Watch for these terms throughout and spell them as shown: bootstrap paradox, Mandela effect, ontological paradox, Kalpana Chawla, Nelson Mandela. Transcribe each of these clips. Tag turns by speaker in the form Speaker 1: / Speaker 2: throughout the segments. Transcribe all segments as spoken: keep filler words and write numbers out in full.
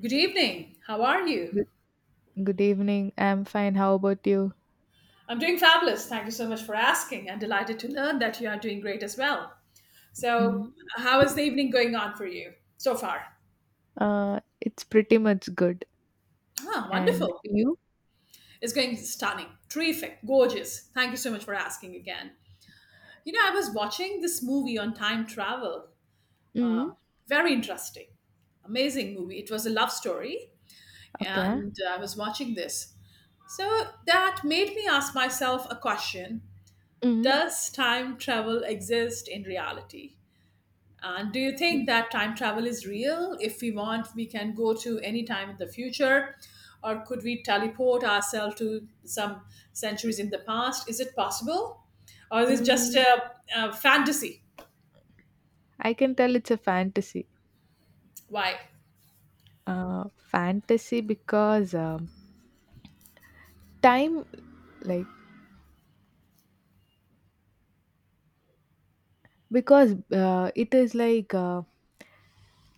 Speaker 1: Good evening. How are you?
Speaker 2: Good, good evening. I'm fine. How about you?
Speaker 1: I'm doing fabulous. Thank you so much for asking. I'm delighted to learn that you are doing great as well. So,
Speaker 2: Mm.
Speaker 1: how is the evening going on for you so far?
Speaker 2: Uh, it's pretty much good.
Speaker 1: Ah,
Speaker 2: And
Speaker 1: wonderful.
Speaker 2: you?
Speaker 1: It's going stunning, terrific, gorgeous. Thank you so much for asking again. You know, I was watching this movie on time travel.
Speaker 2: Mm.
Speaker 1: Um, Very interesting, amazing movie. It was a love story,
Speaker 2: Okay.
Speaker 1: and I was watching this. So, that made me ask myself a question.
Speaker 2: Mm.
Speaker 1: Does time travel exist in reality? And do you think that time travel is real? If we want, we can go to any time in the future, or could we teleport ourselves to some centuries in the past? Is it possible? Or is it just
Speaker 2: Mm.
Speaker 1: a, a fantasy?
Speaker 2: I can tell it's a fantasy.
Speaker 1: Why?
Speaker 2: Uh, fantasy because, um, time, like, because, uh, it is like, uh,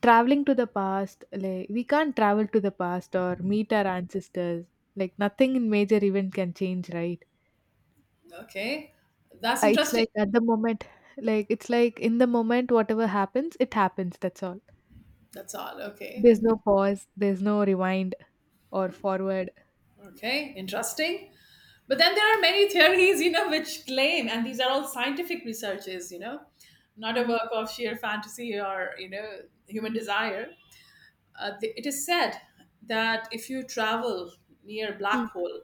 Speaker 2: traveling to the past. Like, we can't travel to the past or meet our ancestors. Like, nothing in major event can change, right?
Speaker 1: Okay, that's
Speaker 2: Uh, It's
Speaker 1: interesting.
Speaker 2: like at the moment, like it's like in the moment, whatever happens, it happens. That's all.
Speaker 1: That's all. Okay.
Speaker 2: There's no pause. There's no rewind or forward.
Speaker 1: Okay, interesting. But then there are many theories, you know, which claim, and these are all scientific researches, you know, not a
Speaker 2: Mm,
Speaker 1: work of sheer fantasy or, you know, human desire. Uh, th- it is said that if you travel near black
Speaker 2: mm,
Speaker 1: hole,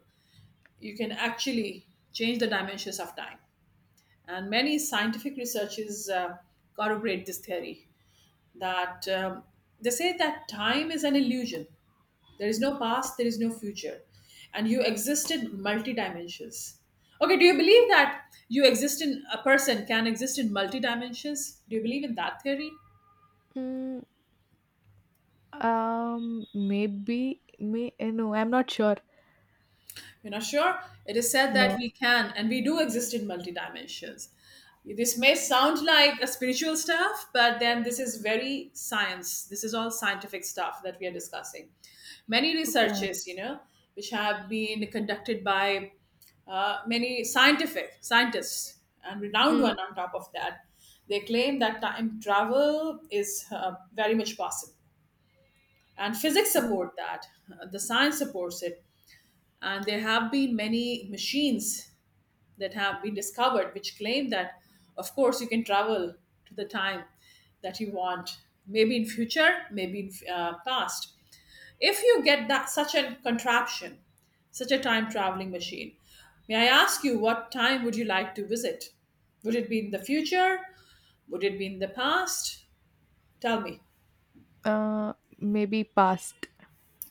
Speaker 1: you can actually change the dimensions of time. And many scientific researches uh, corroborate this theory that um, they say that time is an illusion. There is no past, there is no future. And you exist in multi dimensions. Okay, do you believe that you exist in a person can exist in multi dimensions? Do you believe in that theory?
Speaker 2: mm. Um, maybe may eh, no, I'm not sure.
Speaker 1: You know, sure, it is said that
Speaker 2: No.
Speaker 1: we can and we do exist in multi dimensions. This may sound like a spiritual stuff, but then this is very science. This is all scientific stuff that we are discussing. Many
Speaker 2: Okay.
Speaker 1: researches, you know, which have been conducted by uh, many scientific scientists and renowned
Speaker 2: Mm,
Speaker 1: one on top of that, they claim that time travel is uh, very much possible, and physics
Speaker 2: mm.
Speaker 1: support that. Uh, the science supports it, and there have been many machines that have been discovered which claim that, of course, you can travel to the time that you want, maybe in future, maybe in uh, past. If you get that such a contraption, such a time traveling machine, may I ask you what time would you like to visit? Would it be in the future? Would it be in the past? Tell me.
Speaker 2: Uh, Maybe past.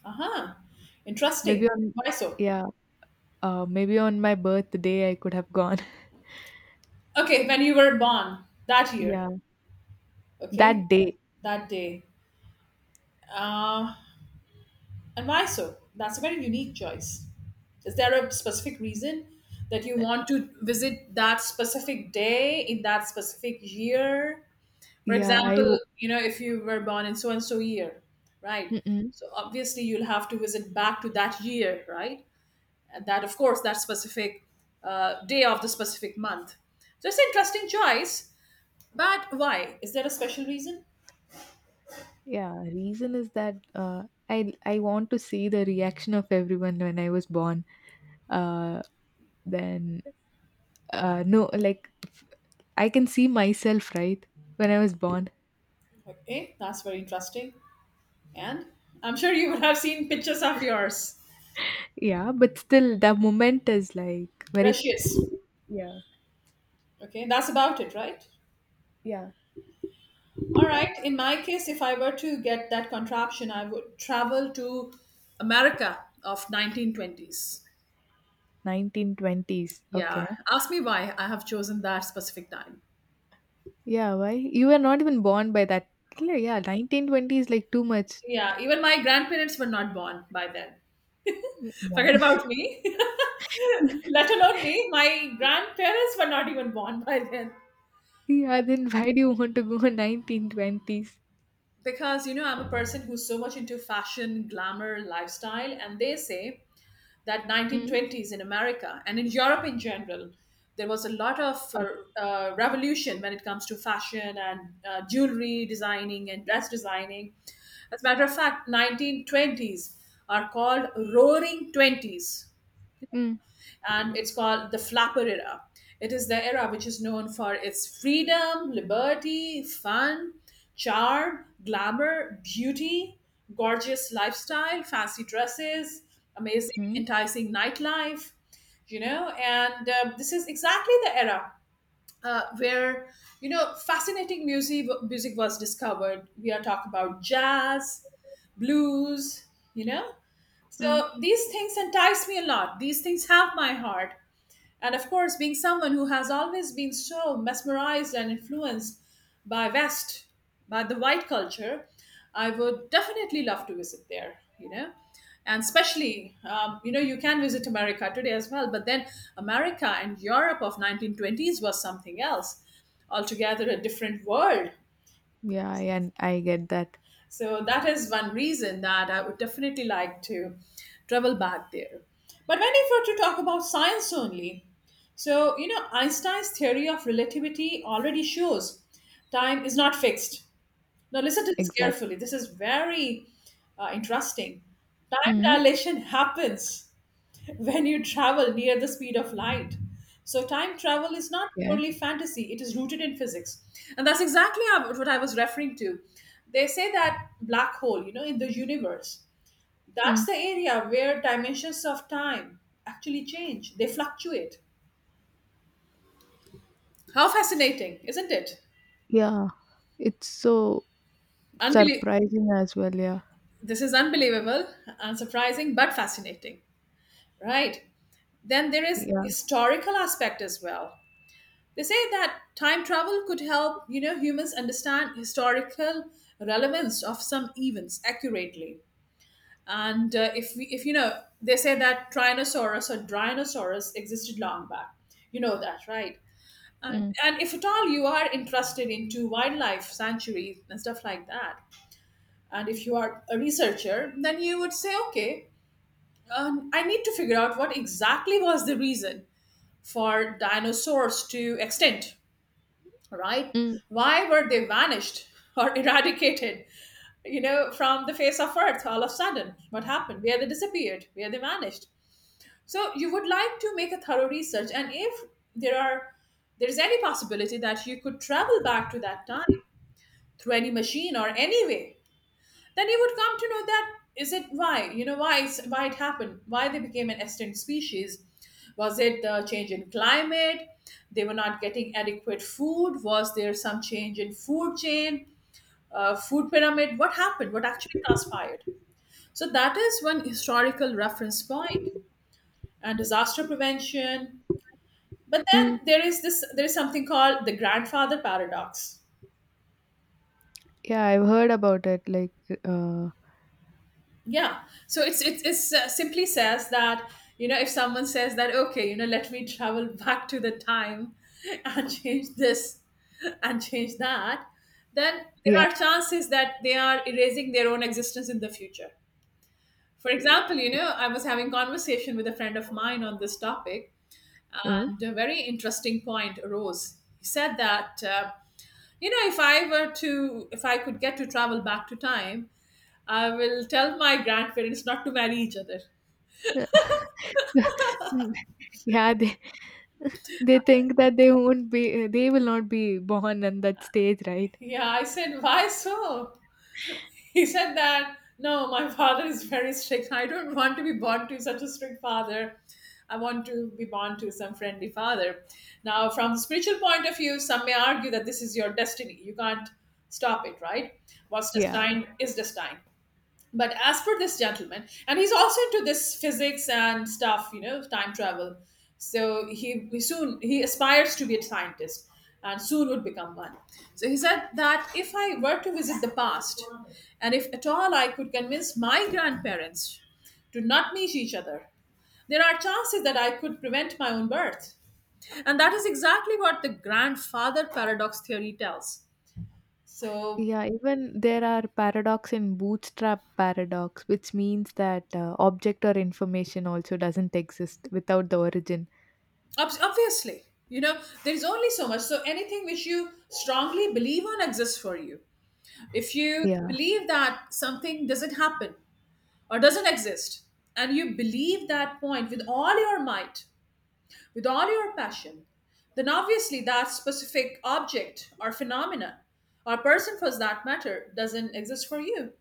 Speaker 1: Aha,
Speaker 2: Maybe
Speaker 1: interesting.
Speaker 2: on
Speaker 1: Why so?
Speaker 2: Yeah. Uh, maybe on my birthday I could have gone.
Speaker 1: Okay, when you were born that
Speaker 2: Yeah,
Speaker 1: year. Okay,
Speaker 2: that day.
Speaker 1: that day. uh, and why so? That's a very unique choice. Is there a specific reason that you want to visit that specific day in that specific year? For
Speaker 2: Yeah, I.
Speaker 1: example,
Speaker 2: w-
Speaker 1: you know, if you were born in so and so year, right,
Speaker 2: mm-mm.
Speaker 1: so obviously you'll have to visit back to that year, right, and that, of course, that specific uh, day of the specific month. So it's an interesting choice, but why? Is there a special reason?
Speaker 2: Yeah, reason is that uh, I I want to see the reaction of everyone when I was born. Uh, then uh, no, like I can see myself right when I was born.
Speaker 1: Okay, that's very interesting. And I'm sure you would have seen pictures of yours.
Speaker 2: Yeah, but still the moment is like very.
Speaker 1: Rushes.
Speaker 2: Yeah,
Speaker 1: Okay, that's about it, right?
Speaker 2: yeah.
Speaker 1: All right. In my case, if I were to get that contraption, I would travel to America of nineteen twenties.
Speaker 2: nineteen twenties.
Speaker 1: Yeah.
Speaker 2: Okay.
Speaker 1: Ask me why I have chosen that specific time.
Speaker 2: Yeah, why you were not even born by that? Yeah, nineteen twenty is like too much.
Speaker 1: Yeah, even my grandparents were not born by then.
Speaker 2: Yeah.
Speaker 1: Forget about me. Let alone me, my grandparents were not even born by then.
Speaker 2: Yeah, then why do you want to go nineteen twenties?
Speaker 1: Because, you know, I'm a person who's so much into fashion, glamour, lifestyle, and they say that
Speaker 2: Mm.
Speaker 1: nineteen twenties in America and in Europe in general, there was a lot of
Speaker 2: Okay.
Speaker 1: uh, uh, revolution when it comes to fashion and uh, jewelry designing and dress designing. As a matter of fact, nineteen twenties are called roaring twenties,
Speaker 2: Mm.
Speaker 1: and it's called the Flapper era. It is the era which is known for its freedom, liberty, fun, charm, glamour, beauty, gorgeous lifestyle, fancy dresses, amazing,
Speaker 2: Mm.
Speaker 1: enticing nightlife, you know, and uh, this is exactly the era uh, where, you know, fascinating music music was discovered. We are talking about jazz, blues, you know.
Speaker 2: Mm.
Speaker 1: So these things entice me a lot. These things have my heart. And of course, being someone who has always been so mesmerized and influenced by West, by the white culture, I would definitely love to visit there, you know. And especially, um, you know, you can visit America today as well, but then America and Europe of nineteen twenties was something else, altogether a different world.
Speaker 2: Yeah, I- and I get that.
Speaker 1: So that is one reason that I would definitely like to travel back there. But when if you were to talk about science only, so you know Einstein's theory of relativity already shows time is not fixed. Now listen to this
Speaker 2: Exactly.
Speaker 1: carefully. This is very uh, interesting. Time
Speaker 2: Mm.
Speaker 1: dilation happens when you travel near the speed of light. So, time travel is not
Speaker 2: Yeah.
Speaker 1: purely fantasy, it is rooted in physics. And that's exactly how- what I was referring to. They say that black hole, you know, in the universe, that's
Speaker 2: Mm.
Speaker 1: the area where dimensions of time actually change, they fluctuate. How fascinating, isn't it?
Speaker 2: Yeah. It's so
Speaker 1: Unbelie-
Speaker 2: surprising as well. Yeah.
Speaker 1: this is unbelievable, unsurprising, but fascinating, right? Then there is
Speaker 2: Yeah.
Speaker 1: historical aspect as well. They say that time travel could help, you know, humans understand historical relevance of some events accurately. And uh, if we, if you know, they say that Tyrannosaurus or Dinosaurus existed long back. You know that, right? And,
Speaker 2: Mm.
Speaker 1: and if at all you are interested into wildlife sanctuaries and stuff like that, and if you are a researcher, then you would say, okay, um, I need to figure out what exactly was the reason for dinosaurs to extinct, right?
Speaker 2: Mm.
Speaker 1: Why were they vanished or eradicated, you know, from the face of earth all of a sudden? What happened? Where they disappeared? Where they vanished? So you would like to make a thorough research, and if there are there is any possibility that you could travel back to that time through any machine or any way, then you would come to know that is it why, you know, why it's- why it happened, why they became an extinct species. Was it the change in climate? They were not getting adequate food? Was there some change in food chain, uh, food pyramid? What happened? What actually transpired? So that is one historical reference point, and disaster prevention. But then
Speaker 2: Mm.
Speaker 1: there is this there is something called the grandfather paradox.
Speaker 2: Yeah, I've heard about it. Like, uh,
Speaker 1: Yeah, so it's it's, it's uh, simply says that, you know, if someone says that, okay, you know, let me travel back to the time and change this and change that, then
Speaker 2: yeah.
Speaker 1: there are chances that they are erasing their own existence in the future. For example, you know, I was having conversation with a friend of mine on this topic,
Speaker 2: Mm.
Speaker 1: and a very interesting point arose. He said that uh, you know, if i were to if I could get to travel back to time, I will tell my grandparents not to marry each other.
Speaker 2: So, mm, yeah. They, they think that they won't be, they will not be born on that stage, right?
Speaker 1: Yeah, I said, why so? He said that, no, my father is very strict. I don't want to be born to such a strict father. I want to be born to some friendly father. Now, from the spiritual point of view, some may argue that this is your destiny. You can't stop it, right? What's
Speaker 2: Yeah.
Speaker 1: destined is destined. But as for this gentleman, and he's also into this physics and stuff, you know, time travel. So he, he soon he aspires to be a scientist, and soon would become one. So he said that if I were to visit the past, and if at all I could convince my grandparents to not meet each other, there are chances that I could prevent my own birth. And that is exactly what the grandfather paradox theory tells. So
Speaker 2: Yeah, even there are paradox in bootstrap paradox, which means that uh, object or information also doesn't exist without the origin.
Speaker 1: Obs- obviously, you know, there's only so much. So anything which you strongly believe on exists for you. If you
Speaker 2: Yeah,
Speaker 1: believe that something doesn't happen or doesn't exist, and you believe that point with all your might, with all your passion, then obviously that specific object or phenomena or person for that matter doesn't exist for you.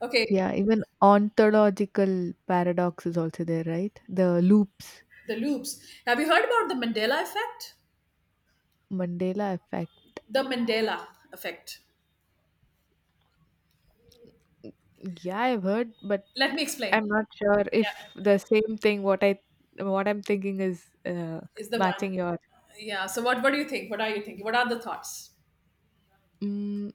Speaker 1: Okay,
Speaker 2: yeah, even ontological paradox is also there, right? The loops.
Speaker 1: the loops. Have you heard about the Mandela effect?
Speaker 2: Mandela effect.
Speaker 1: The Mandela effect.
Speaker 2: Yeah, I've heard, but
Speaker 1: Let me explain.
Speaker 2: I'm not sure
Speaker 1: Yeah,
Speaker 2: if the same thing what I what I'm thinking is uh,
Speaker 1: is the one.
Speaker 2: matching your.
Speaker 1: Yeah, so what what do you think? What are you thinking? What are the thoughts?
Speaker 2: Mm,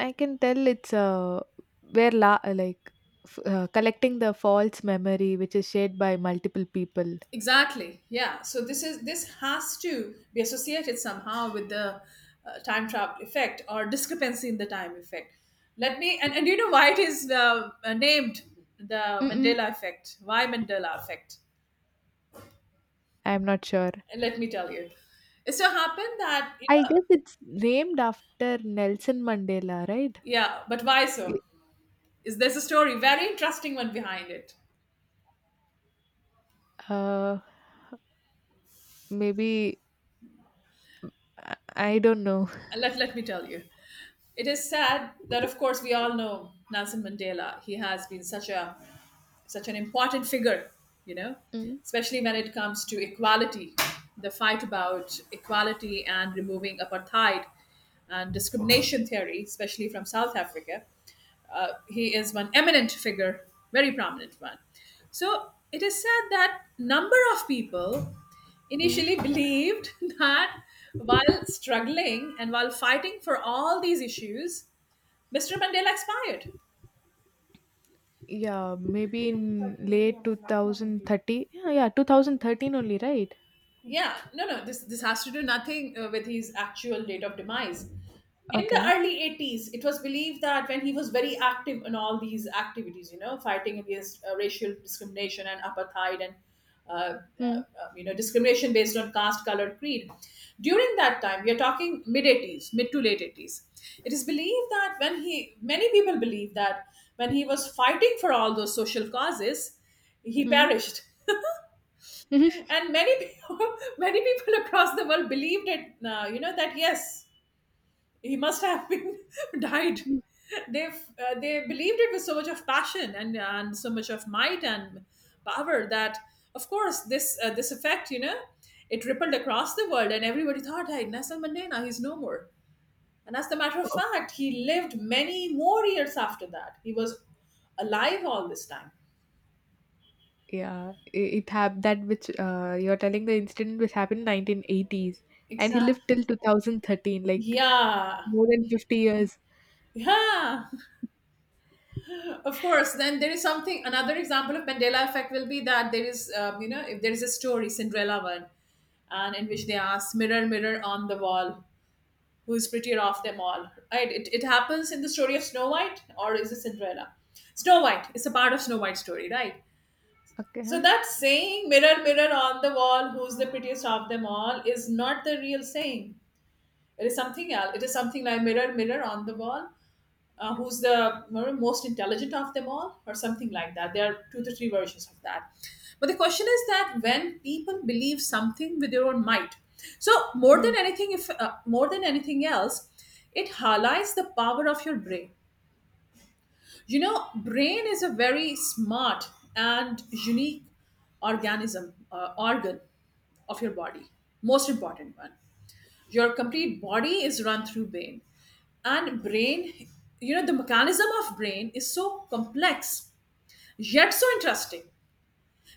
Speaker 2: I can tell it's uh, where la- like f- uh, collecting the false memory which is shared by multiple people.
Speaker 1: Exactly, yeah, so this is, this has to be associated somehow with the uh, time travel effect or discrepancy in the time effect. Let me, and, and do you know why it is uh, named the
Speaker 2: Mm-mm.
Speaker 1: Mandela effect? Why Mandela effect?
Speaker 2: I'm not sure.
Speaker 1: And let me tell you, it so happened that, you
Speaker 2: I
Speaker 1: know,
Speaker 2: guess it's named after Nelson Mandela, right?
Speaker 1: yeah, but why so?
Speaker 2: Y-
Speaker 1: Is there's a story, very interesting one behind it.
Speaker 2: Uh, Maybe I I don't know.
Speaker 1: And let let me tell you. It is sad that, of course, we all know Nelson Mandela. He has been such a such an important figure, you know,
Speaker 2: Mm.
Speaker 1: especially when it comes to equality, the fight about equality and removing apartheid and discrimination theory, especially from South Africa. Uh, he is one eminent figure, very prominent one. So it is said that number of people
Speaker 2: Mm.
Speaker 1: initially believed that while struggling and while fighting for all these issues, Mister Mandela expired.
Speaker 2: Yeah, maybe in late two thousand thirty. Yeah, yeah, two thousand thirteen only, right?
Speaker 1: Yeah, no, no, this, this has to do nothing uh, with his actual date of demise. In the
Speaker 2: Okay.
Speaker 1: early eighties, it was believed that when he was very active in all these activities, you know, fighting against uh, racial discrimination and apartheid and, uh, uh,
Speaker 2: Mm.
Speaker 1: uh, you know, discrimination based on caste, color, creed. During that time, we are talking mid eighties, mid to late eighties. It is believed that when he, many people believe that when he was fighting for all those social causes, he
Speaker 2: Mm.
Speaker 1: perished. And many people, many people across the world believed it. Uh, you know that yes, he must have been died. They uh, they believed it with so much of passion and and so much of might and power that of course this uh, this effect you know it rippled across the world and everybody thought, hey, Nelson Mandela, he's no more. And as a matter of fact, he lived many more years after that. He was alive all this time.
Speaker 2: Yeah, i- it happened that which uh, you're telling the incident which happened in nineteen eighties, and he
Speaker 1: Exactly.
Speaker 2: lived till two thousand thirteen, like
Speaker 1: Yeah.
Speaker 2: more than fifty years.
Speaker 1: Yeah. Of course, then there is something. Another example of Mandela effect will be that there is, um, you know, if there is a story, Cinderella one, and in which they ask, "Mirror, mirror on the wall, who is prettier of them all?" Right? It, it happens in the story of Snow White, or is it Cinderella? Snow White. It's a part of Snow White's story, right? So
Speaker 2: Okay.
Speaker 1: that saying, "Mirror, mirror on the wall, who's the prettiest of them all?" is not the real saying. It is something else. It is something like, "Mirror, mirror on the wall," uh, who's the most intelligent of them all, or something like that. There are two to three versions of that. But the question is that when people believe something with their own might, so more than
Speaker 2: Hmm.
Speaker 1: anything, if uh, more than anything else, it highlights the power of your brain. You know, brain is a very smart and unique organism, uh, organ of your body, most important one. Your complete body is run through brain, and brain, you know the mechanism of brain is so complex, yet so interesting,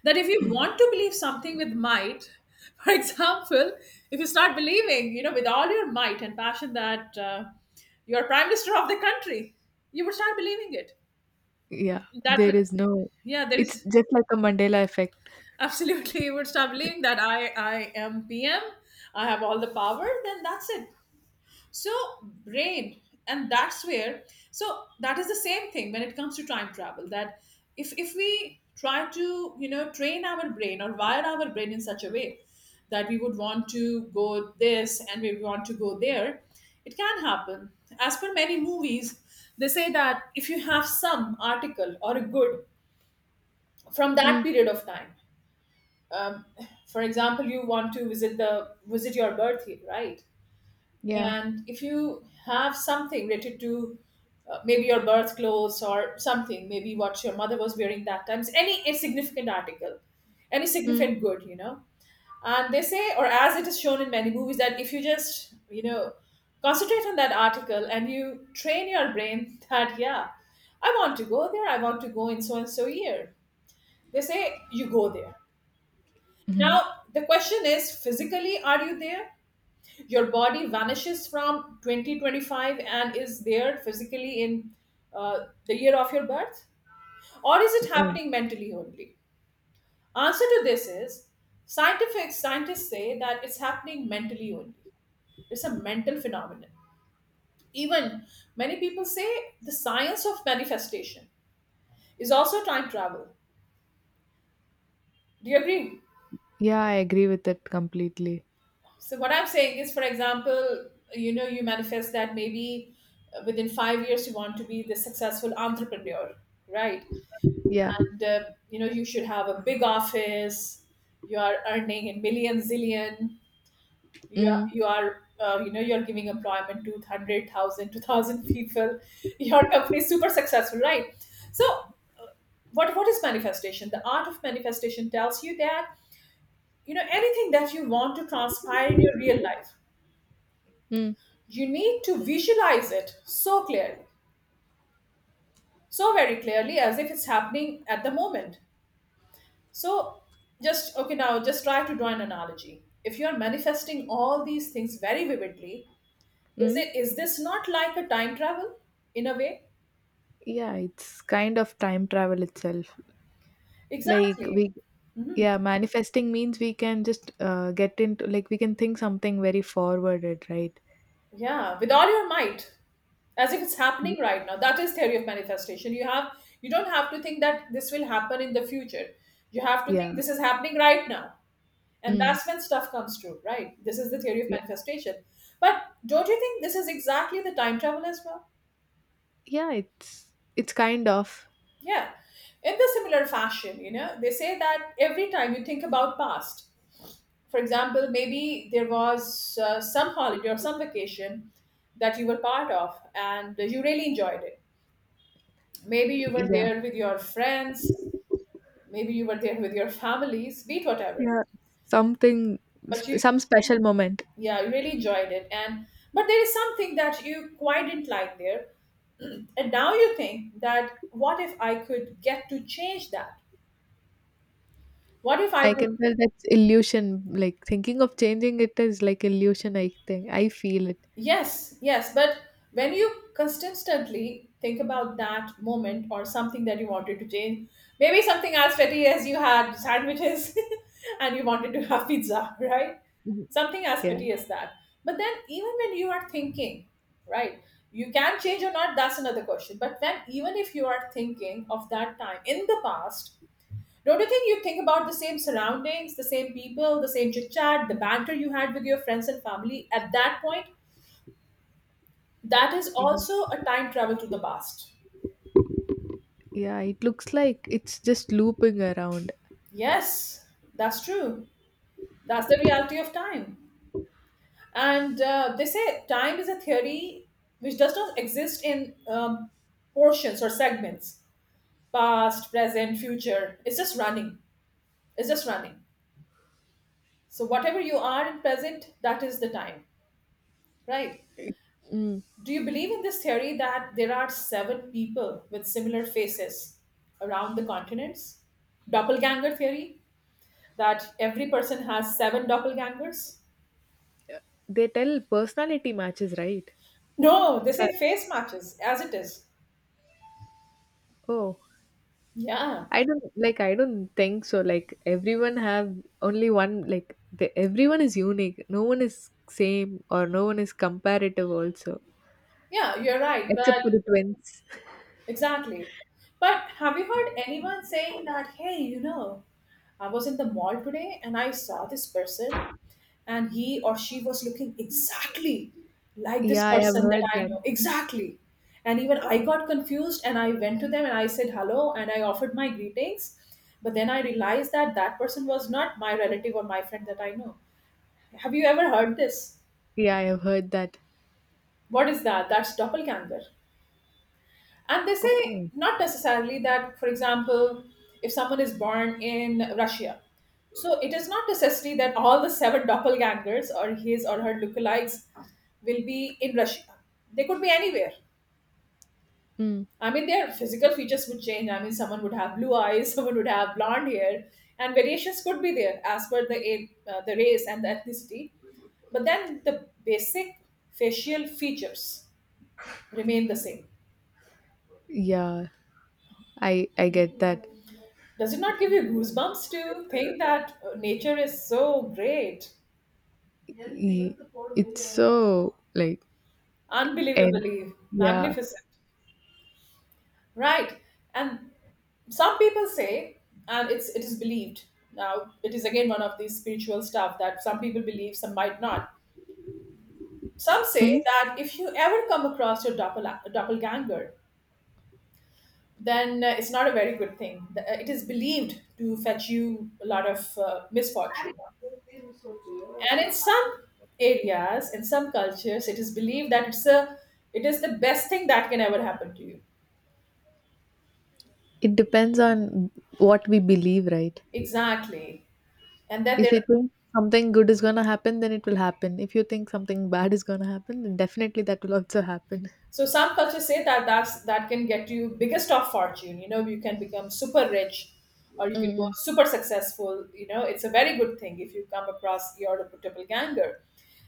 Speaker 1: that if you
Speaker 2: Hmm.
Speaker 1: want to believe something with might, for example, if you start believing, you know with all your might and passion, that uh, you're prime minister of the country, you would start believing it.
Speaker 2: Yeah,
Speaker 1: That
Speaker 2: there
Speaker 1: would—
Speaker 2: is no.
Speaker 1: yeah, there
Speaker 2: It's
Speaker 1: is.
Speaker 2: just like a Mandela effect.
Speaker 1: Absolutely, you would start believing that i i am PM. I have all the power, then that's it. So, brain, and that's where, so that is the same thing when it comes to time travel. That if, if we try to, you know, train our brain or wire our brain in such a way that we would want to go this and we want to go there, it can happen. As per many movies, they say that if you have some article or a good from that
Speaker 2: Hmm.
Speaker 1: period of time, um, for example, you want to visit the visit your birth year, right?
Speaker 2: Yeah.
Speaker 1: And if you have something related to uh, maybe your birth clothes or something, maybe what your mother was wearing that time, any a significant article, any
Speaker 2: Hmm.
Speaker 1: significant good, you know. And they say, or as it is shown in many movies, that if you just, you know, concentrate on that article and you train your brain that, yeah, I want to go there, I want to go in so and so year. They say, you go there.
Speaker 2: Hmm.
Speaker 1: Now, the question is, physically, are you there? Your body vanishes from twenty twenty-five and is there physically in uh, the year of your birth, or is it
Speaker 2: Uh,
Speaker 1: happening mentally only? Answer to this is, scientific scientists say that it's happening mentally only. It's a mental phenomenon. Even many people say the science of manifestation is also time travel. Do you agree?
Speaker 2: yeah, I agree with that completely.
Speaker 1: So what I'm saying is, for example, you know you manifest that maybe uh, within five years you want to be the successful entrepreneur, right?
Speaker 2: Yeah.
Speaker 1: the you know You should have a big office. You are earning in million zillion. You are
Speaker 2: Mm.
Speaker 1: you are uh, you know You're giving employment to one hundred thousand, two thousand people. Your company is super successful, right? So what what is manifestation? The art of manifestation tells you that, you know anything that you want to transpire in your real life,
Speaker 2: Mm.
Speaker 1: you need to visualize it so clearly, so very clearly, as if it's happening at the moment. So, just okay, now just try to draw an analogy. If you are manifesting all these things very vividly, is
Speaker 2: Mm.
Speaker 1: it is this not like a time travel in a way?
Speaker 2: Yeah, it's kind of time travel itself. Like
Speaker 1: Exactly.
Speaker 2: we Yeah, manifesting means we can just uh, get into like we can think something very forwarded, right?
Speaker 1: Yeah, with all your might, as if it's
Speaker 2: Y-
Speaker 1: happening right now. That is theory of manifestation. You have you don't have to think that this will happen in the future. You have to think
Speaker 2: Yeah.
Speaker 1: this is happening right now. And
Speaker 2: Mm.
Speaker 1: that's when stuff comes true, right? This is the theory of
Speaker 2: Yeah.
Speaker 1: manifestation. But don't you think this is exactly the time travel as well?
Speaker 2: Yeah, it's it's kind of.
Speaker 1: Yeah. In the similar fashion, you know, they say that every time you think about past, for example, maybe there was uh, some holiday or some vacation that you were part of and you really enjoyed it. Maybe you were
Speaker 2: Yeah.
Speaker 1: there with your friends, maybe you were there with your families, be it whatever.
Speaker 2: Yeah. Something. S-
Speaker 1: But you,
Speaker 2: some special moment.
Speaker 1: yeah, you really enjoyed it. And but there is something that you quite didn't like there. And now you think, that what if I could get to change that? What if I
Speaker 2: I
Speaker 1: could—
Speaker 2: can tell that's illusion. Like thinking of changing it is like illusion, I think. I feel it.
Speaker 1: Yes, yes, but when you consistently think about that moment or something that you wanted to change, maybe something as petty as you had sandwiches and you wanted to have pizza, right?
Speaker 2: Mhm.
Speaker 1: Something as
Speaker 2: Yeah.
Speaker 1: petty as that. But then, even when you are thinking, right, you can change or not, that's another question. But then, even if you are thinking of that time in the past, don't you think you think about the same surroundings, the same people, the same chit chat, the banter you had with your friends and family at that point? That is
Speaker 2: Yeah.
Speaker 1: also a time travel to the past.
Speaker 2: Yeah, it looks like it's just looping around.
Speaker 1: Yes, that's true. That's the reality of time. And uh, they say time is a theory which does not exist in um, portions or segments, past, present, future. It's just running. It's just running. So, whatever you are in present, that is the time, right?
Speaker 2: Mm.
Speaker 1: Do you believe in this theory that there are seven people with similar faces around the continents? Doppelganger theory? That every person has seven doppelgangers?
Speaker 2: They tell personality matches, right?
Speaker 1: No, they
Speaker 2: So,
Speaker 1: say face matches as it is.
Speaker 2: oh.
Speaker 1: Yeah,
Speaker 2: I don't like I don't think so. Like everyone have only one like the, everyone is unique. No one is same or no one is comparative also.
Speaker 1: yeah, you're right.
Speaker 2: Except
Speaker 1: But
Speaker 2: for the twins.
Speaker 1: exactly. But have you heard anyone saying that, hey, you know, I was in the mall today and I saw this person and he or she was looking exactly like this
Speaker 2: Yeah, I have
Speaker 1: person that
Speaker 2: heard
Speaker 1: I
Speaker 2: that.
Speaker 1: know. Exactly. And even I got confused and I went to them and I said hello and I offered my greetings. But then I realized that that person was not my relative or my friend that I know. Have you ever heard this?
Speaker 2: Yeah, I have heard that.
Speaker 1: What is that? That's doppelganger. And they say,
Speaker 2: Okay.
Speaker 1: not necessarily that, for example, if someone is born in Russia, so it is not necessary that all the seven doppelgangers or his or her lookalikes will be in Russia. They could be anywhere.
Speaker 2: Mm.
Speaker 1: I mean, their physical features would change. I mean, someone would have blue eyes, someone would have blonde hair, and variations could be there as per the a- uh, the race and the ethnicity. But then the basic facial features remain the same.
Speaker 2: Yeah. I I get that.
Speaker 1: Does it not give you goosebumps to think that uh, nature is so great,
Speaker 2: Y- It's so like, and
Speaker 1: unbelievably
Speaker 2: yeah.
Speaker 1: magnificent, right? And some people say, and it's it is believed. Now, it is again one of these spiritual stuff that some people believe, some might not. Some
Speaker 2: Mm?
Speaker 1: say that if you ever come across your doppel- doppelganger, then uh, it's not a very good thing. The- uh, It is believed to fetch you a lot of uh, misfortune, and in some areas, in some cultures, it is believed that it's a it is the best thing that can ever happen to you.
Speaker 2: It depends on what we believe, right?
Speaker 1: Exactly. And then
Speaker 2: If
Speaker 1: there,
Speaker 2: you think something good is gonna happen, then it will happen. If you think something bad is gonna happen, then definitely that will also happen.
Speaker 1: so some cultures say that that's that can get you biggest of fortune, you know you can become super rich, or you can go
Speaker 2: Mm, mm,
Speaker 1: super successful, you know it's a very good thing if you come across your doppelganger.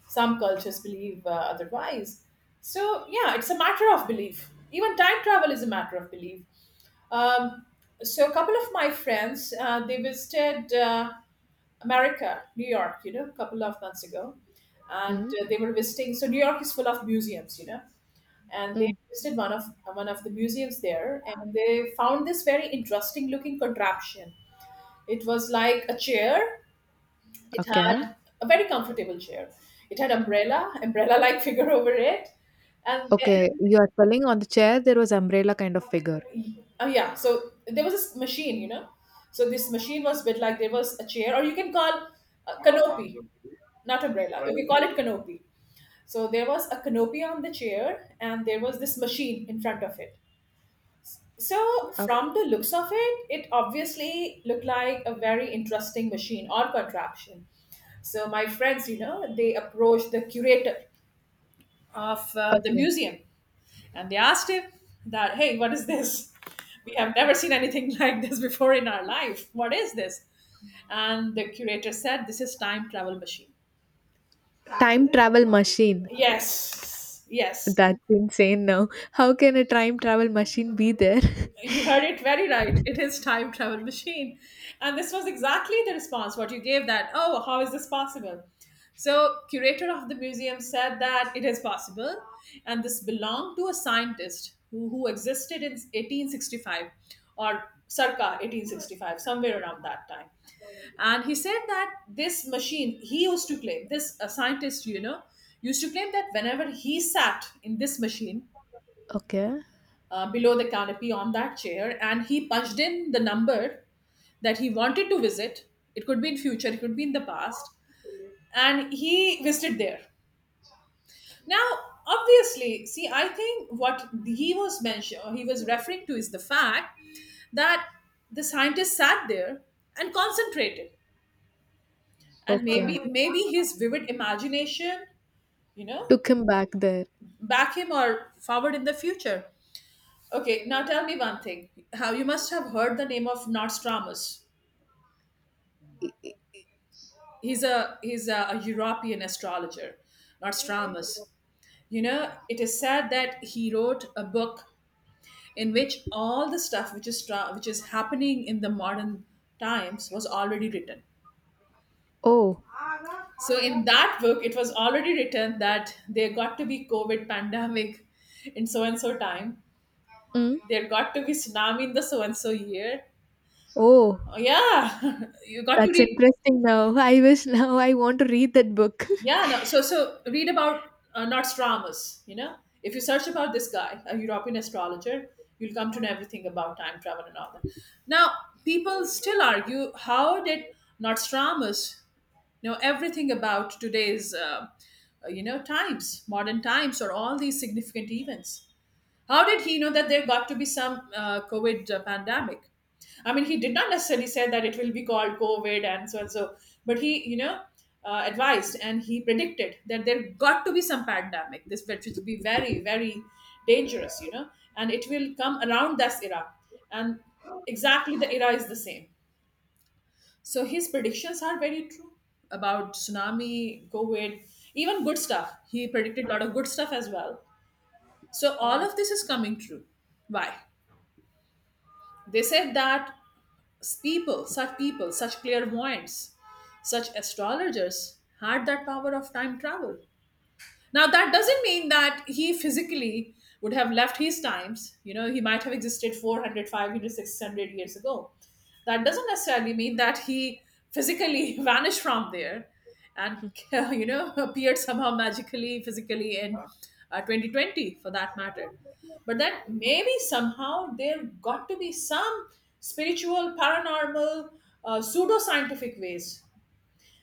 Speaker 1: Some cultures believe uh, otherwise. So yeah, it's a matter of belief. Even time travel is a matter of belief. Um, so a couple of my friends, uh, they visited uh, America, New York, you know, a couple of months ago,
Speaker 2: mm,
Speaker 1: and uh, they were visiting. So New York is full of museums, you know, and they
Speaker 2: mm.
Speaker 1: visited one of one of the museums there, and they found this very interesting looking contraption. It was like a chair. It
Speaker 2: Okay.
Speaker 1: had a very comfortable chair. It had umbrella, umbrella like figure over it, and
Speaker 2: Okay,
Speaker 1: then
Speaker 2: you are telling on the chair there was umbrella kind of figure.
Speaker 1: oh yeah, so there was this machine, you know. So this machine was bit like there was a chair, or you can call uh, canopy, not umbrella, okay, call it canopy. So there was a canopy on the chair, and there was this machine in front of it. So
Speaker 2: Ok-
Speaker 1: from the looks of it, it obviously looked like a very interesting machine or contraption. So my friends, you know, they approached the curator of uh, the
Speaker 2: Okay.
Speaker 1: museum, and they asked him that, hey, what is this? We have never seen anything like this before in our life. What is this? And the curator said, this is time travel machine.
Speaker 2: Time travel machine.
Speaker 1: Yes, yes.
Speaker 2: That's insane now. How can a time travel machine be there?
Speaker 1: You heard it very right. It is time travel machine. And this was exactly the response what you gave that, oh, how is this possible? So curator of the museum said that it is possible, and this belonged to a scientist who, who existed in eighteen sixty-five, or circa eighteen sixty-five, somewhere around that time. And he said that this machine, he used to claim, this a scientist, you know, used to claim that whenever he sat in this machine,
Speaker 2: Okay.
Speaker 1: uh, below the canopy on that chair, and he punched in the number that he wanted to visit. It could be in future, it could be in the past, and he visited there. Now obviously, see, I think what he was mention he was referring to is the fact that the scientist sat there and concentrated, and
Speaker 2: Okay.
Speaker 1: maybe maybe his vivid imagination, you know,
Speaker 2: Took him back there.
Speaker 1: back him or forward in the future. Okay, now tell me one thing, how, you must have heard the name of Nostradamus. He's a he's a, a European astrologer, Nostradamus. You know, it is said that he wrote a book in which all the stuff which is tra- which is happening in the modern times was already written.
Speaker 2: Oh.
Speaker 1: So in that book, it was already written that there got to be COVID pandemic in so and so time.
Speaker 2: Mm.
Speaker 1: There got to be tsunami in the so and so year.
Speaker 2: Oh.
Speaker 1: Oh, yeah, you got to
Speaker 2: That's
Speaker 1: read.
Speaker 2: interesting now. I wish now I want to read that book.
Speaker 1: Yeah, no. So, so read about uh, Nostradamus. You know, if you search about this guy, a European astrologer, you'll come to know everything about time travel and all that. Now, people still argue, how did Nostradamus know everything about today's, uh, uh, you know, times, modern times, or all these significant events? How did he know that there got to be some uh, COVID uh, pandemic? I mean, he did not necessarily say that it will be called COVID and so and so, but he, you know, uh, advised, and he predicted that there got to be some pandemic, this which will be very, very dangerous, you know, and it will come around this era. And exactly the era is the same. So his predictions are very true about tsunami, COVID, even good stuff. He predicted a lot of good stuff as well. So all
Speaker 2: Oh,
Speaker 1: of this is coming true. Why? They said that s- people, such people, such clairvoyants, such astrologers had that power of time travel. Now, that doesn't mean that he physically would have left his times. You know, he might have existed four hundred, five hundred, six hundred years ago. That doesn't necessarily mean that he physically vanished from there and, you know, appeared somehow magically, physically in uh, twenty twenty for that matter. But that maybe somehow there got to be some spiritual, paranormal, uh, pseudo scientific ways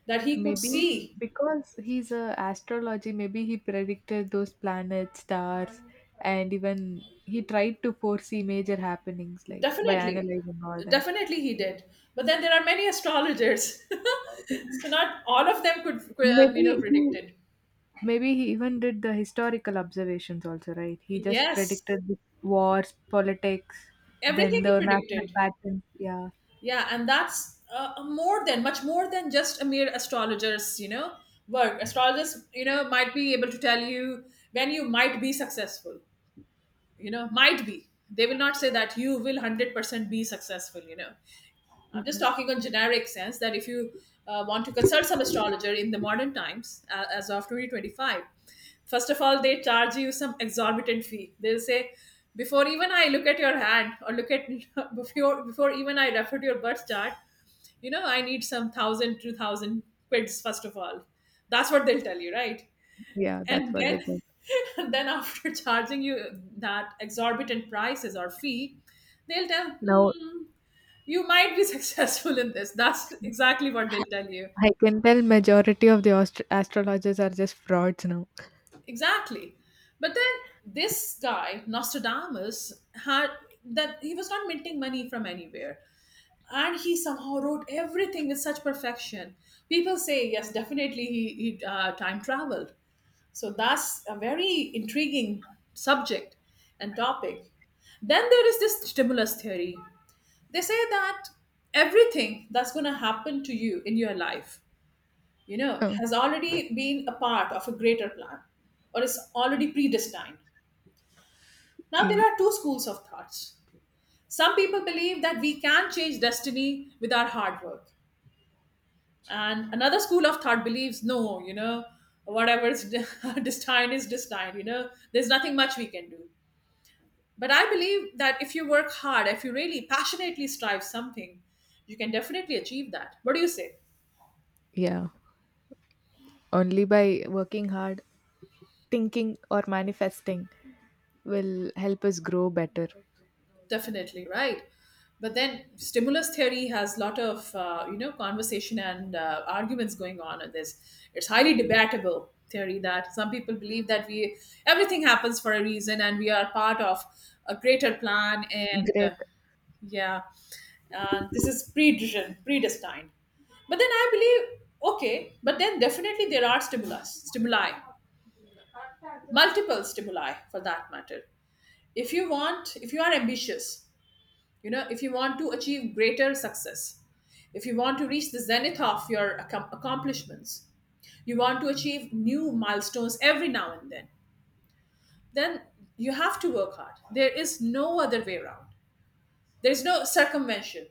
Speaker 1: that he could
Speaker 2: maybe
Speaker 1: see.
Speaker 2: because he's a astrology, maybe he predicted those planets, stars, and even he tried to foresee major happenings like by
Speaker 1: Definitely.
Speaker 2: analyzing all them.
Speaker 1: Definitely he did. But then there are many astrologers. So not all of them could, could have, you know,
Speaker 2: Maybe he
Speaker 1: predicted.
Speaker 2: Maybe he even did the historical observations also, right? He just
Speaker 1: Yes.
Speaker 2: predicted the wars, politics,
Speaker 1: Everything
Speaker 2: then
Speaker 1: he
Speaker 2: the natural
Speaker 1: predicted.
Speaker 2: patterns. Yeah.
Speaker 1: Yeah, and that's uh, a more than, much more than just a mere astrologer's, you know, work. Astrologers, you know, might be able to tell you when you might be successful, you know, might be. They will not say that you will one hundred percent be successful, you know. I'm just talking on generic sense that if you uh, want to consult some astrologer in the modern times, uh, as of twenty twenty-five, first of all, they charge you some exorbitant fee. They'll say, before even I look at your hand or look at before before even I refer to your birth chart, you know, I need some thousand, two thousand quids first of all. That's what they'll tell you, right?
Speaker 2: Yeah, that's
Speaker 1: And
Speaker 2: what they
Speaker 1: then,
Speaker 2: did.
Speaker 1: and then after charging you that exorbitant prices or fee, they'll tell,
Speaker 2: Now
Speaker 1: hmm, you might be successful in this. That's exactly what they'll tell you.
Speaker 2: I can tell majority of the astro- astrologers are just frauds now.
Speaker 1: Exactly. But then this guy, Nostradamus, had that he was not minting money from anywhere. And he somehow wrote everything with such perfection. People say, yes, definitely he, he uh, time traveled. So that's a very intriguing subject and topic. Then there is this stimulus theory. They say that everything that's going to happen to you in your life, you know,
Speaker 2: Uh,
Speaker 1: has already been a part of a greater plan, or is already predestined. Now, there
Speaker 2: y-
Speaker 1: are two schools of thoughts. Some people believe that we can change destiny with our hard work. And another school of thought believes, no, you know, whatever is de- destined is destined, you know, there's nothing much we can do. But I believe that if you work hard, if you really passionately strive something, you can definitely achieve that. What do you say?
Speaker 2: yeah, only by working hard, thinking or manifesting will help us grow better.
Speaker 1: Definitely, right? But then stimulus theory has a lot of uh, you know, conversation and uh, arguments going on in this. It's highly debatable theory, that some people believe that we, everything happens for a reason, and we are part of a greater plan, and uh,
Speaker 2: Great.
Speaker 1: yeah, uh, this is predestined predestined But then I believe, okay, but then definitely there are stimulus stimuli, multiple stimuli for that matter. If you want, if you are ambitious, you know, if you want to achieve greater success, if you want to reach the zenith of your accom- accomplishments, you want to achieve new milestones every now and then then you have to work hard. There is no other way around. There's no circumvention.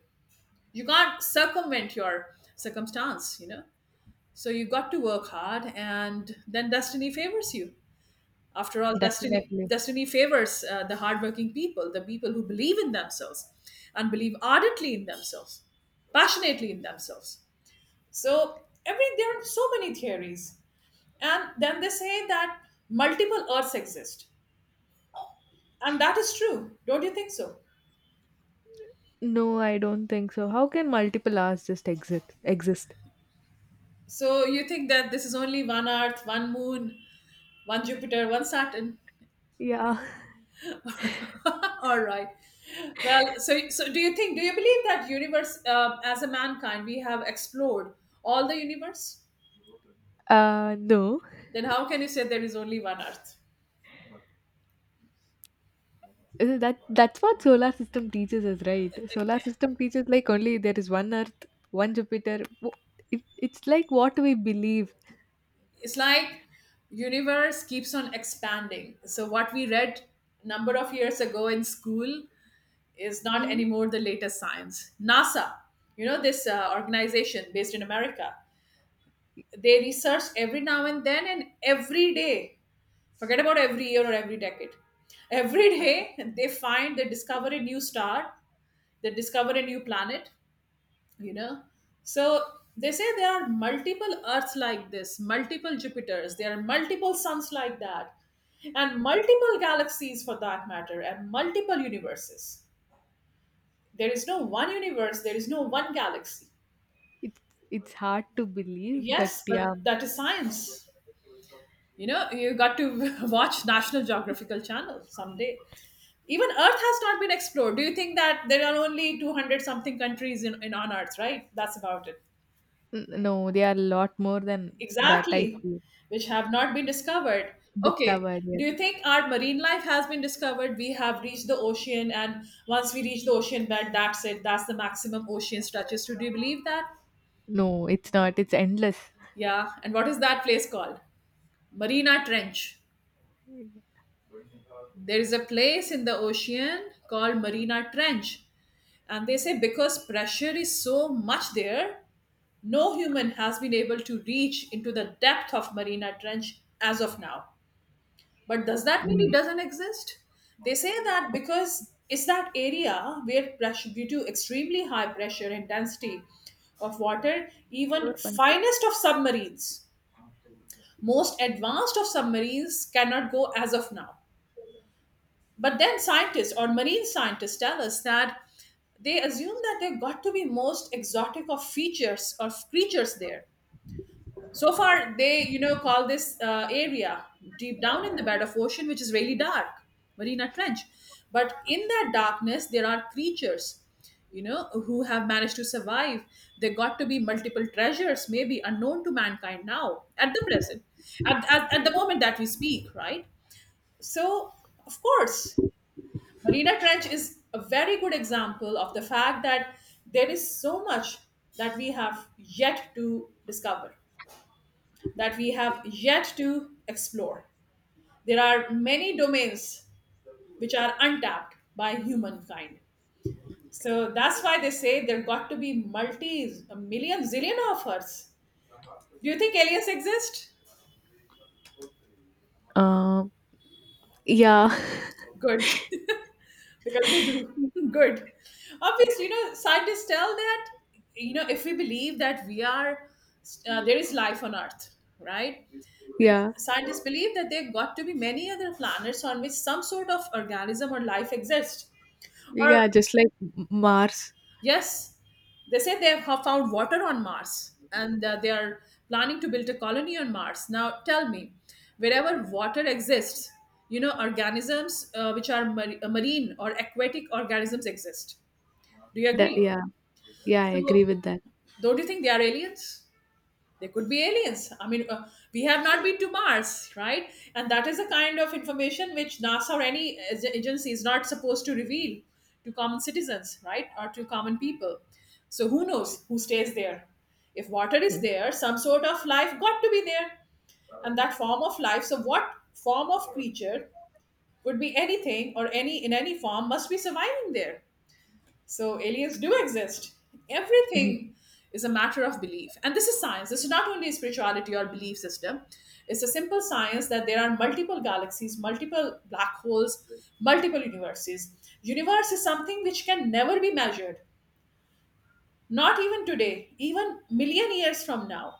Speaker 1: You can't circumvent your circumstance, you know. So you got to work hard, and then destiny favors you. After all, destiny,
Speaker 2: Definitely.
Speaker 1: destiny favors uh, the hardworking people, the people who believe in themselves and believe ardently in themselves, passionately in themselves. So, every there are so many theories, and then they say that multiple Earths exist, and that is true. Don't you think so?
Speaker 2: No, I don't think so. How can multiple hours just exist? Exist?
Speaker 1: So, you think that this is only one Earth, one Moon, one Jupiter, one Saturn?
Speaker 2: Yeah.
Speaker 1: All right. Well, so so do you think, do you believe that universe, uh, as a mankind we have explored all the universe?
Speaker 2: Uh, no.
Speaker 1: Then how can you say there is only one Earth?
Speaker 2: Uh, That that's what solar system teaches us, right? Solar system teaches like only there is one Earth, one Jupiter. Wo- It, it's like what we believe.
Speaker 1: It's like universe keeps on expanding. So what we read number of years ago in school is not
Speaker 2: Mm.
Speaker 1: anymore the latest science. NASA, you know, this uh, organization based in America, they research every now and then, and every day. Forget about every year or every decade. Every day they find, they discover a new star, they discover a new planet, you know. So they say there are multiple Earths like this, multiple Jupiters, there are multiple suns like that, and multiple galaxies for that matter, and multiple universes. There is no one universe, there is no one galaxy.
Speaker 2: It's it's hard to believe, but
Speaker 1: Yes, but
Speaker 2: yeah,
Speaker 1: that is science. You know, you got to watch National Geographical Channel someday. Even Earth has not been explored. Do you think that there are only two hundred something countries in, in on Earth, right? That's about it.
Speaker 2: n- no, they are a lot more than that. I
Speaker 1: Exactly.
Speaker 2: feel
Speaker 1: Which have not been discovered. Okay.
Speaker 2: discovered
Speaker 1: Do
Speaker 2: yet.
Speaker 1: you think our marine life has been discovered? We have reached the ocean, and once we reach the ocean bed, that's it. That's the maximum ocean stretches to. Do you believe that?
Speaker 2: No, it's not. It's endless.
Speaker 1: Yeah. And what is that place called? Marina Trench. There is a place in the ocean called Marina Trench. And they say because pressure is so much there, no human has been able to reach into the depth of Marina Trench as of now. But does that mean it
Speaker 2: Mm.
Speaker 1: doesn't exist? They say that because it's that area where pressure, due to extremely high pressure and density of water, even
Speaker 2: Sure.
Speaker 1: finest of submarines, most advanced of submarines cannot go as of now. But then scientists or marine scientists tell us that they assume that there got to be most exotic of features of creatures there. So far, they, you know, call this uh, area deep down in the bed of ocean, which is really dark, Marina Trench. But in that darkness, there are creatures, you know, who have managed to survive. There got to be multiple treasures, maybe unknown to mankind now at the present, at, at, at the moment that we speak, right? So, of course, Marina Trench is a very good example of the fact that there is so much that we have yet to discover, that we have yet to explore. There are many domains which are untapped by humankind. So that's why they say there got to be multi, a million, zillion of us. Do you think aliens exist?
Speaker 2: Uh, yeah,
Speaker 1: Good. Because they do. Good, obviously, you know, scientists tell that, you know, if we believe that we are, uh, there is life on earth, right?
Speaker 2: yeah,
Speaker 1: Scientists believe that there got to be many other planets on which some sort of organism or life exists. Or
Speaker 2: yeah. Just like M- Mars.
Speaker 1: yes, they say they have found water on Mars, and uh, they are planning to build a colony on Mars. Now tell me, wherever water exists, you know, organisms, uh, which are mar- uh, marine or aquatic organisms, exist. Do you
Speaker 2: That
Speaker 1: agree?
Speaker 2: Yeah, yeah, I
Speaker 1: So,
Speaker 2: agree with that.
Speaker 1: don't you think they are aliens? They could be aliens. I mean, uh, we have not been to Mars, right? And that is the kind of information which NASA or any ag- agency is not supposed to reveal to common citizens, right? Or to common people. So, who knows who stays there? If water is there, some sort of life got to be there. And that form of life, so what form of creature could be anything, or any in any form, must be surviving there. So aliens do exist. Everything is a matter of belief. And this is science. This is not only spirituality or belief system. It's a simple science that there are multiple galaxies, multiple black holes, multiple universes. Universe is something which can never be measured. Not even today, even million years from now.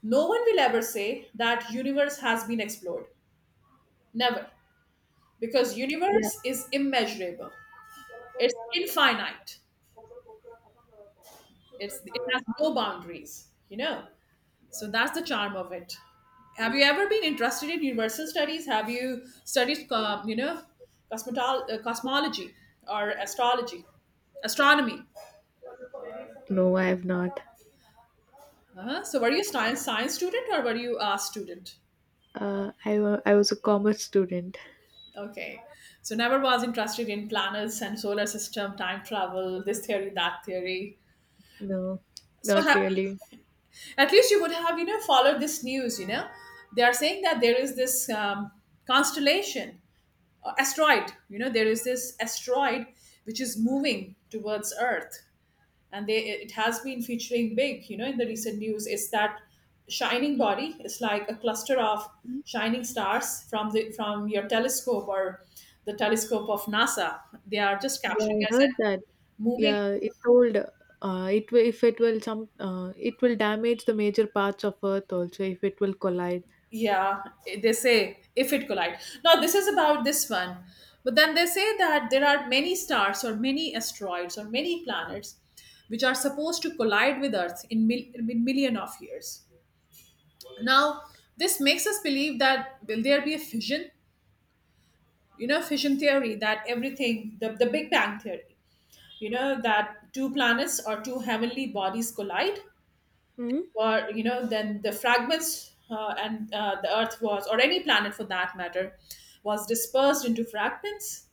Speaker 1: No one will ever say that universe has been explored. Never. Because
Speaker 2: Yeah.
Speaker 1: universe is immeasurable. It's infinite. It's it has no boundaries, you know. So that's the charm of it. Have you ever been interested in universal studies? Have you studied, uh, you know, cosmetol- uh, cosmology, or astrology, astronomy?
Speaker 2: No, I have not.
Speaker 1: Uh-huh. So were you a science science student, or were you a student?
Speaker 2: Uh, I wa- I was a commerce student.
Speaker 1: Okay. So never was interested in planets and solar system, time travel, this theory, that theory.
Speaker 2: No,
Speaker 1: So
Speaker 2: not
Speaker 1: ha-
Speaker 2: really.
Speaker 1: at least you would have, you know, followed this news, you know. They are saying that there is this um, constellation, uh, asteroid, you know, there is this asteroid which is moving towards earth, and they, it has been featuring big, you know, in the recent news, is that shining body is like a cluster of shining stars from the from your telescope, or the telescope of NASA. They are just
Speaker 2: Yeah,
Speaker 1: capturing
Speaker 2: I
Speaker 1: as
Speaker 2: heard
Speaker 1: a
Speaker 2: that.
Speaker 1: moving,
Speaker 2: Yeah, it told uh, it will if it will some uh, it will damage the major parts of Earth also if it will collide.
Speaker 1: yeah, they say, if it collide. Now this is about this one, but then they say that there are many stars or many asteroids or many planets which are supposed to collide with earth in, mil- in million of years now. This makes us believe that, will there be a fission, you know, fission theory, that everything, the, the big bang theory, you know, that two planets or two heavenly bodies collide,
Speaker 2: Hmm?
Speaker 1: were, you know, then the fragments, uh, and uh, the earth was, or any planet for that matter, was dispersed into fragments.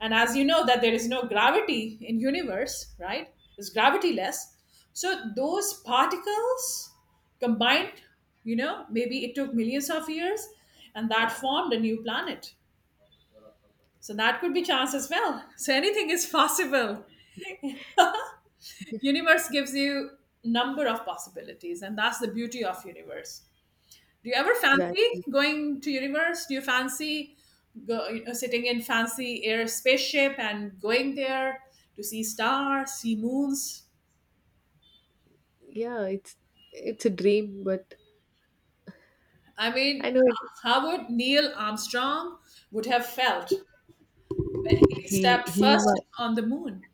Speaker 1: And as you know that there is no gravity in universe, right? It's gravityless. So those particles combined, you know, maybe it took millions of years, and that formed a new planet. So that could be chance as well. So anything is possible. Universe gives you number of possibilities, and that's the beauty of universe. Do you ever fancy
Speaker 2: Exactly.
Speaker 1: going to universe? Do you fancy go, you know, sitting in fancy air spaceship and going there to see stars, see moons?
Speaker 2: Yeah, it's it's a dream, but
Speaker 1: I mean,
Speaker 2: I know it.
Speaker 1: h- how would Neil Armstrong would have felt when he
Speaker 2: He
Speaker 1: stepped
Speaker 2: he
Speaker 1: first
Speaker 2: might.
Speaker 1: on the moon?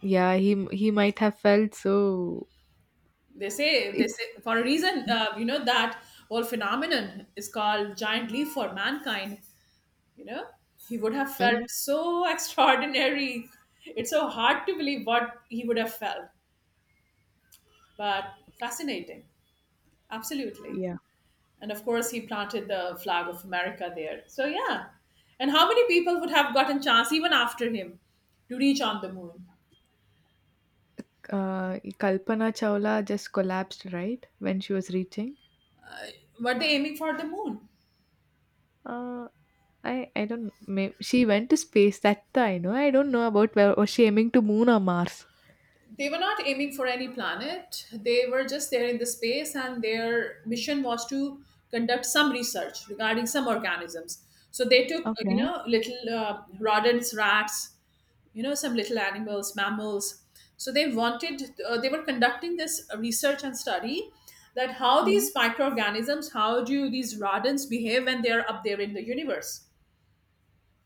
Speaker 2: Yeah, he he might have felt so.
Speaker 1: They say they
Speaker 2: It's.
Speaker 1: say for a reason. Uh, you know that whole phenomenon is called giant leap for mankind. You know, he would have felt
Speaker 2: Mm,
Speaker 1: so extraordinary. It's so hard to believe what he would have felt. But fascinating, absolutely.
Speaker 2: yeah.
Speaker 1: And of course, he planted the flag of America there. So yeah. And how many people would have gotten chance even after him to reach on the moon?
Speaker 2: uh, Kalpana Chawla just collapsed right when she was reaching.
Speaker 1: Were they aiming for the moon?
Speaker 2: Uh, I I don't. May, she went to space. That I know. I don't know about where was she aiming to Moon or Mars.
Speaker 1: They were not aiming for any planet. They were just there in the space, and their mission was to conduct some research regarding some organisms. So they took uh, you
Speaker 2: Okay.
Speaker 1: know, little uh, rodents, rats, you know, some little animals, mammals. So they wanted, uh, they were conducting this research and study that how these
Speaker 2: Mm.
Speaker 1: microorganisms, how do these rodents behave when they are up there in the universe,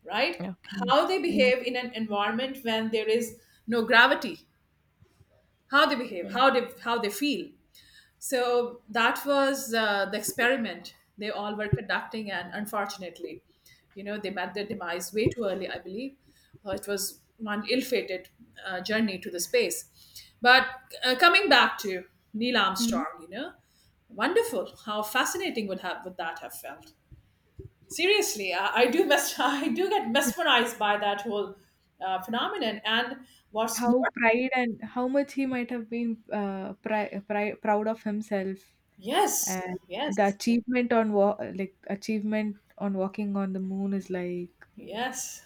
Speaker 1: right?
Speaker 2: Okay.
Speaker 1: How they
Speaker 2: Mm.
Speaker 1: behave in an environment when there is no gravity. How they behave, how they, how they feel. So that was uh, the experiment they all were conducting, and unfortunately, you know, they met their demise way too early, I believe. Uh, it was one ill-fated uh, journey to the space. But uh, coming back to Neil
Speaker 2: Mhm.
Speaker 1: Armstrong, you know, wonderful, how fascinating would have, would that have felt? Seriously, i, I do mes- I do get mesmerized by that whole uh, phenomenon. And what's more,
Speaker 2: How pride and how much he might have been uh, pri- pri- proud of himself,
Speaker 1: yes,
Speaker 2: and the
Speaker 1: yes.
Speaker 2: achievement on wa- like achievement on walking on the moon is like.
Speaker 1: Yes.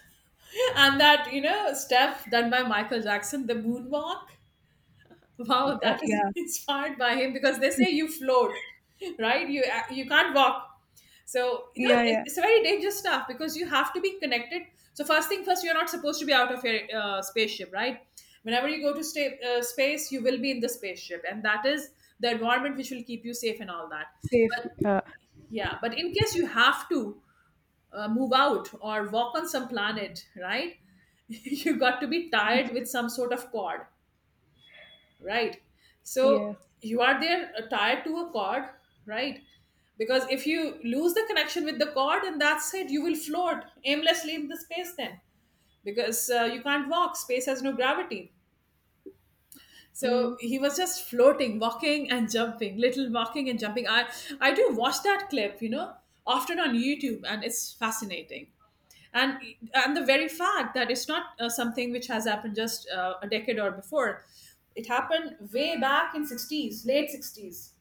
Speaker 1: And that, you know, step done by Michael Jackson, the moonwalk. Wow,
Speaker 2: uh,
Speaker 1: that is
Speaker 2: Yeah,
Speaker 1: inspired by him, because they say you float, right? You uh, you can't walk. So, you know,
Speaker 2: yeah,
Speaker 1: it's,
Speaker 2: yeah.
Speaker 1: it's a very dangerous stuff, because you have to be connected. So, first thing first, you're not supposed to be out of your uh, spaceship, right? Whenever you go to sta- uh, space, you will be in the spaceship. And that is the environment which will keep you safe and all that.
Speaker 2: Safe.
Speaker 1: But
Speaker 2: Yeah.
Speaker 1: yeah, but in case you have to uh, move out or walk on some planet, right? You got to be tied with some sort of cord, right? So
Speaker 2: Yeah.
Speaker 1: you are there uh, tied to a cord, right? Because if you lose the connection with the cord, and that's it, you will float aimlessly in the space then, because uh, you can't walk. Space has no gravity. So
Speaker 2: Mm,
Speaker 1: he was just floating, walking and jumping, little walking and jumping. I I do watch that clip, you know, often on YouTube, and it's fascinating. And and the very fact that it's not uh, something which has happened just uh, a decade or before, it happened way back in sixties, late sixties.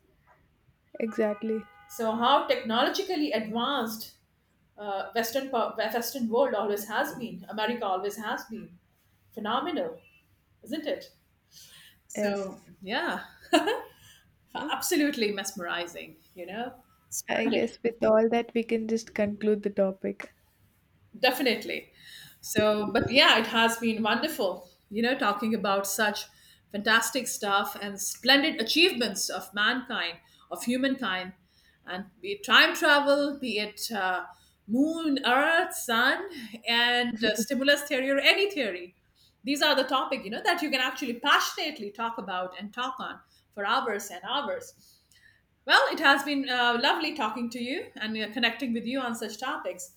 Speaker 2: exactly.
Speaker 1: So how technologically advanced uh, Western po- Western world always has been, America always has been, phenomenal, isn't it? So
Speaker 2: Yes.
Speaker 1: yeah.
Speaker 2: Mm.
Speaker 1: Absolutely mesmerizing, you know,
Speaker 2: I
Speaker 1: splendid,
Speaker 2: guess with all that we can just conclude the topic.
Speaker 1: definitely. So, but yeah, it has been wonderful, you know, talking about such fantastic stuff and splendid achievements of mankind, of humankind, and be it time travel, be it uh, moon, earth, sun, and uh, stimulus theory or any theory. These are the topic, you know, that you can actually passionately talk about and talk on for hours and hours. Well, it has been uh, lovely talking to you and uh, connecting with you on such topics.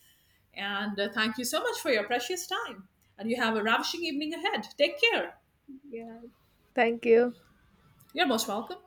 Speaker 1: And uh, thank you so much for your precious time. And you have a ravishing evening ahead. Take care.
Speaker 2: Yeah. Thank you.
Speaker 1: You're most welcome.